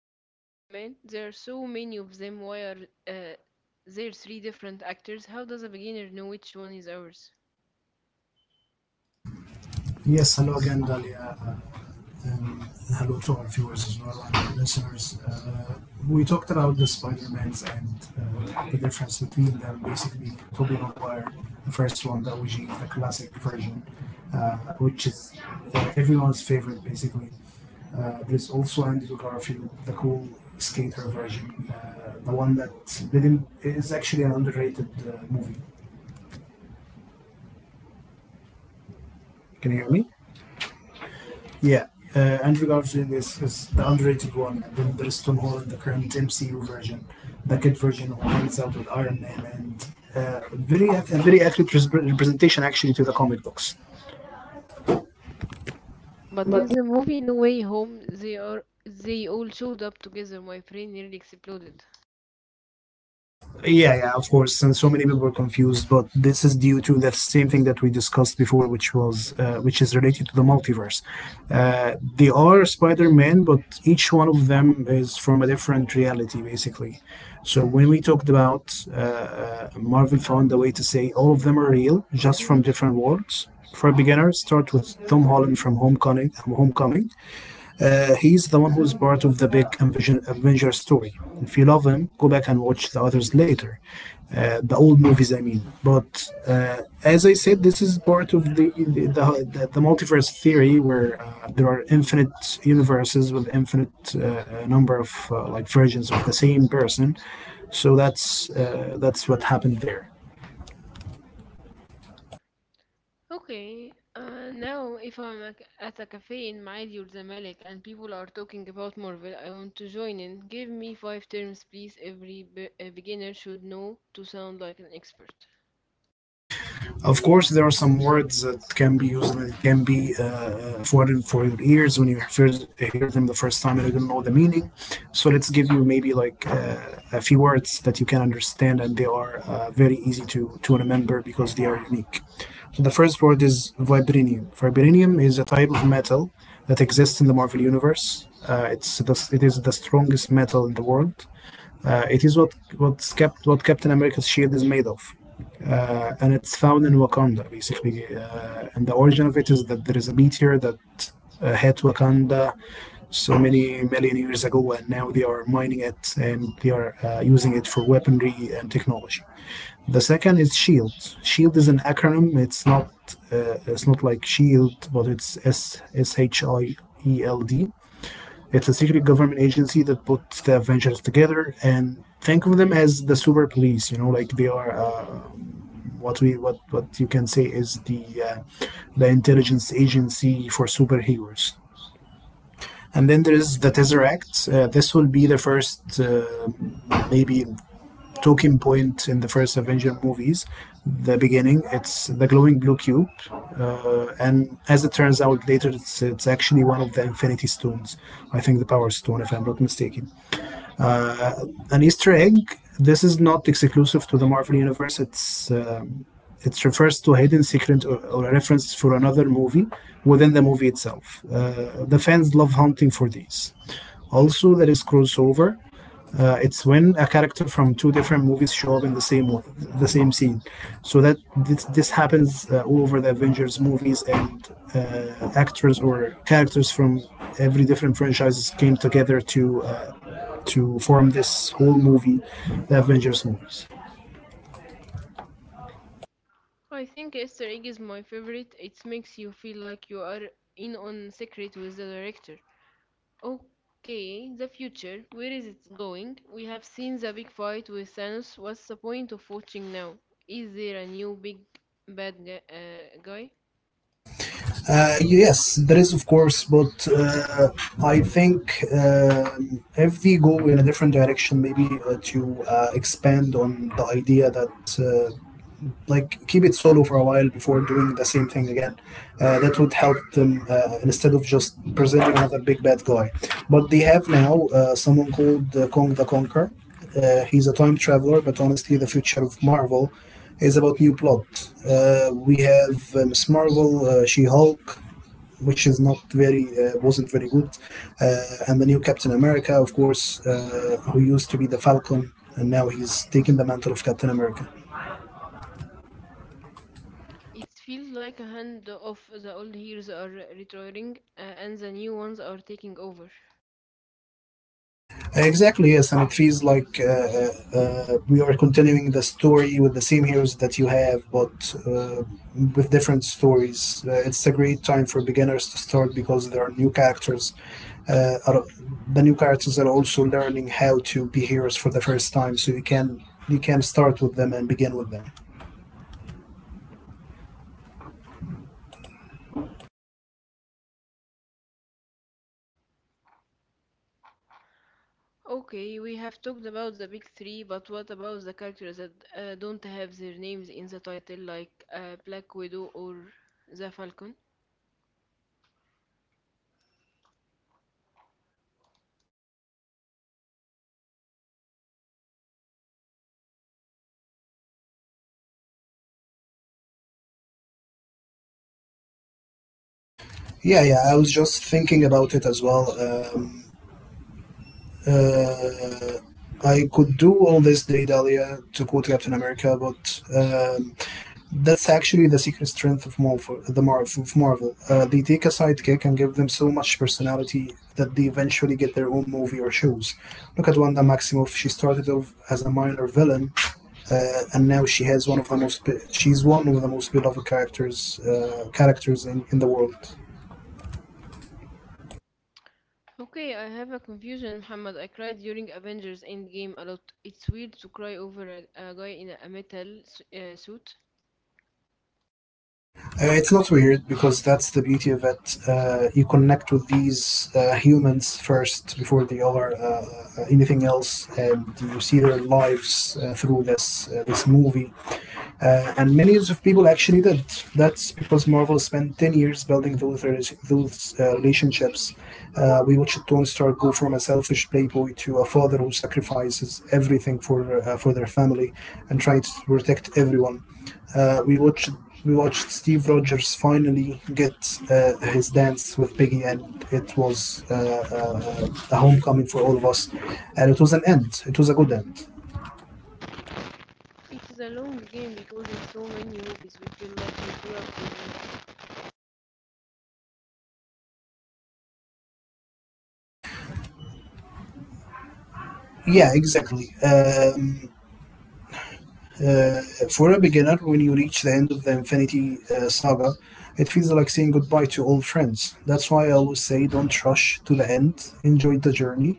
about Spider-Man. There are so many of them. Why are uh, there three different actors? How does a beginner know which one is ours? Yes, hello again, Dalia, and hello to our viewers as well and our listeners. We talked about the Spider-Mans and the difference between them. Basically, Tobey Maguire, the first one, the OG, the classic version, which is everyone's favorite, basically. There's also Andrew Garfield, the cool skater version, the one that didn't is actually an underrated movie. Can you hear me? Yeah, Andrew Garfield is the underrated one, and then there's Tom Holland, the current MCU version, the kid version who hangs out with Iron Man, and a very accurate representation actually to the comic books. But But in the movie No Way Home, they all showed up together. My brain nearly exploded. yeah, yeah, of course. And so many people were confused, but this is due to the same thing that we discussed before, which is related to the multiverse. They are Spider-Man, but each one of them is from a different reality, basically. So when we talked about Marvel, found a way to say all of them are real, just from different worlds. For beginners, start with Tom Holland from Homecoming. Homecoming. He's the one who's part of the big Avenger story. If you love him, go back and watch the others later. The old movies, I mean. But uh, as I said, this is part of the, the, the multiverse theory, where there are infinite universes with infinite number of like versions of the same person. So that's what happened there. Okay, now if I'm at a cafe in Maidi or Zamalek and people are talking about Marvel, I want to join in. Give me five terms, please. Every a beginner should know to sound like an expert. Of course, there are some words that can be used that can be foreign for your ears when you first hear them the first time and you don't know the meaning. So let's give you maybe like a few words that you can understand and they are very easy to remember because they are unique. So the first word is vibranium. Vibranium is a type of metal that exists in the Marvel Universe. It is the strongest metal in the world. It is what what's kept what Captain America's shield is made of, and it's found in Wakanda basically. And the origin of it is that there is a meteor that hit Wakanda so many million years ago, and now they are mining it and they are using it for weaponry and technology. The second is Shield. Shield is an acronym. It's not like Shield, but it's S S H I E L D. It's a secret government agency that puts the Avengers together and think of them as the super police. You know, like they are what we what you can say is the intelligence agency for superheroes. And then there is the Tesseract. This will be the first maybe talking point in the first Avenger movies. The beginning, it's the glowing blue cube, and as it turns out later, it's actually one of the Infinity Stones. I think the Power Stone, if I'm not mistaken. uh, an Easter egg. This is not exclusive to the Marvel Universe. Um, it refers to a hidden secret, or a reference for another movie within the movie itself. The fans love hunting for these. Also, there is crossover. It's when a character from two different movies show up in the same scene. So that this happens all over the Avengers movies, and actors or characters from every different franchises came together to form this whole movie, the Avengers movies. I think Easter egg is my favorite. It makes you feel like you are in on secret with the director. Okay, the future. Where is it going? We have seen the big fight with Thanos. What's the point of watching now? Is there a new big guy? Yes, there is, of course, but I think if we go in a different direction, maybe to expand on the idea that uh, like keep it solo for a while before doing the same thing again. That would help them, instead of just presenting another big bad guy. But they have now someone called Kong the Conqueror. He's a time traveler, but honestly, the future of Marvel is about new plot. We have Miss Marvel, She Hulk, which is not very wasn't very good, uh, and the new Captain America, of course, who used to be the Falcon, and now he's taking the mantle of Captain America. It feels like a hand of the old heroes are retiring and the new ones are taking over. Exactly, yes, and it feels like we are continuing the story with the same heroes that you have, but with different stories. It's a great time for beginners to start because there are new characters. Uh, are, the new characters are also learning how to be heroes for the first time, so you can start with them and begin with them. Okay, we have talked about the big three, but what about the characters that don't have their names in the title, like Black Widow or the Falcon? Yeah, yeah, I was just thinking about it as well. Uh, I could do all this day, Dahlia, to quote Captain America, but that's actually the secret strength of Marvel. Of Marvel, they take a sidekick and give them so much personality that they eventually get their own movie or shows. Look at Wanda Maximoff. She started off as a minor villain, and now she's one of the most beloved characters in the world. Okay, I have a confusion, Muhammad. I cried during Avengers Endgame a lot. It's weird to cry over a guy in a metal suit. It's not weird because that's the beauty of it. You connect with these humans first before they are anything else, and you see their lives through this movie. And millions of people actually did. That's because Marvel spent 10 years building those relationships. We watched Tony Stark go from a selfish playboy to a father who sacrifices everything for their family and tries to protect everyone. Uh, we watched we watched Steve Rogers finally get his dance with Peggy, and it was a homecoming for all of us. And it was an end. It was a good end. It is a long game because in so many movies we feel like we grew up with them. Yeah, exactly. Uh, for a beginner, when you reach the end of the Infinity Saga, it feels like saying goodbye to old friends. That's why I always say don't rush to the end, enjoy the journey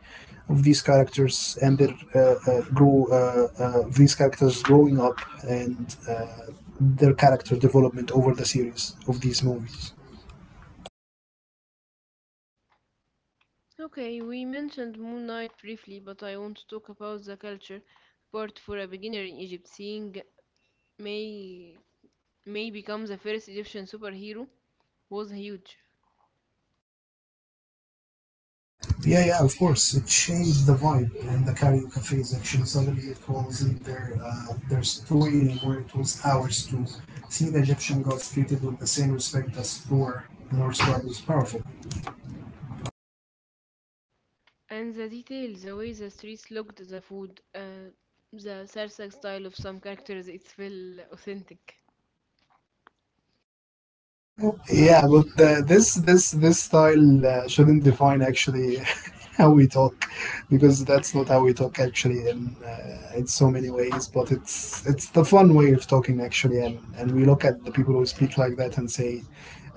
of these characters and these characters growing up and their character development over the series of these movies. Okay, we mentioned Moon Knight briefly, but I want to talk about the culture part for a beginner in Egypt. Seeing May May becomes the first Egyptian superhero was huge. Yeah, yeah, of course. It changed the vibe in the karaoke cafe section. Suddenly, it wasn't their story anymore. It was ours to see the Egyptian gods treated with the same respect as Thor, the Norse god, was powerful. And the details, the way the streets looked, the food, the Sarsak style of some characters, its felt authentic. Yeah, but this style shouldn't define actually how we talk, because that's not how we talk actually in so many ways. But it's the fun way of talking actually, and we look at the people who speak like that and say,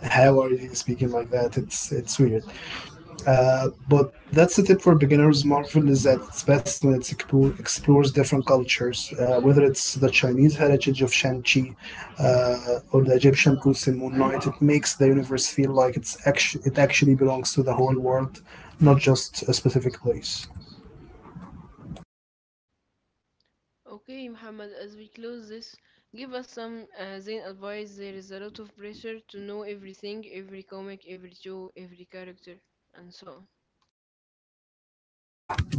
"How are you speaking like that?" It's weird. But that's the tip for beginners. Marvel is at its best when it explores different cultures, whether it's the Chinese heritage of Shang-Chi, or the Egyptian roots in Moon Knight. It makes the universe feel like it actually belongs to the whole world, not just a specific place. Okay, Muhammad, as we close this, give us some Zayn advice. There is a lot of pressure to know everything, every comic, every show, every character, and so on.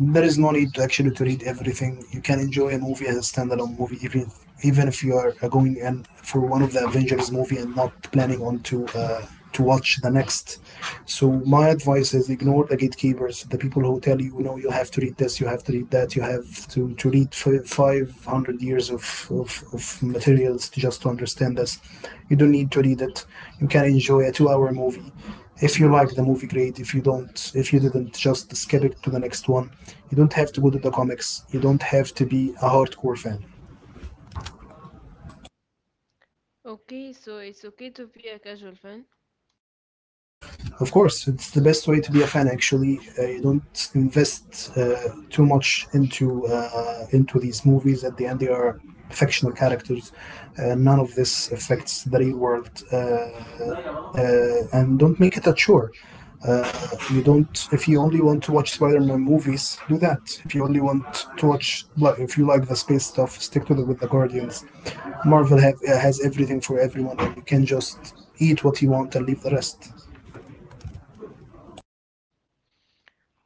There is no need to actually to read everything. You can enjoy a movie as a standalone movie, even if you are going and for one of the Avengers movie and not planning on to watch the next. So my advice is ignore the gatekeepers, the people who tell you no, you have to read this, you have to read that, you have to read 500 years of materials to just to understand this. You don't need to read it. You can enjoy a 2 hour movie. If you like the movie, great. If you didn't, just skip it to the next one. You don't have to go to the comics. You don't have to be a hardcore fan. Okay, so it's okay to be a casual fan. Of course, it's the best way to be a fan. Actually, you don't invest too much into these movies. At the end, they are fictional characters. None of this affects the real world, and don't make it a chore. If you only want to watch Spider-Man movies, do that. If you only want to watch, like, if you like the space stuff, stick to the with the Guardians. Marvel has everything for everyone, and you can just eat what you want and leave the rest.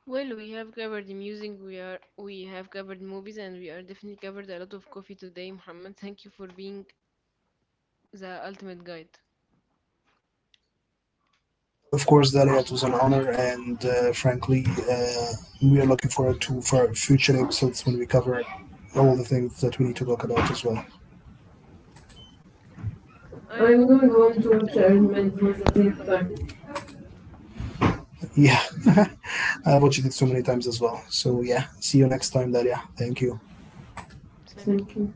Well, we have covered the music, we have covered movies, and we are definitely covered a lot of coffee today, Muhammad. Thank you for being the ultimate guide. Of course, Dalia, it was an honor, and frankly, uh, we are looking forward to for future episodes when we cover all the things that we need to talk about as well. I am I'm going going home to home to watch watch Iron Iron Man Man for for the the tenth tenth time. time. Yeah, I've watched it so many times as well. So yeah, see you next time, Daria. Thank you. Thank Thank you. you.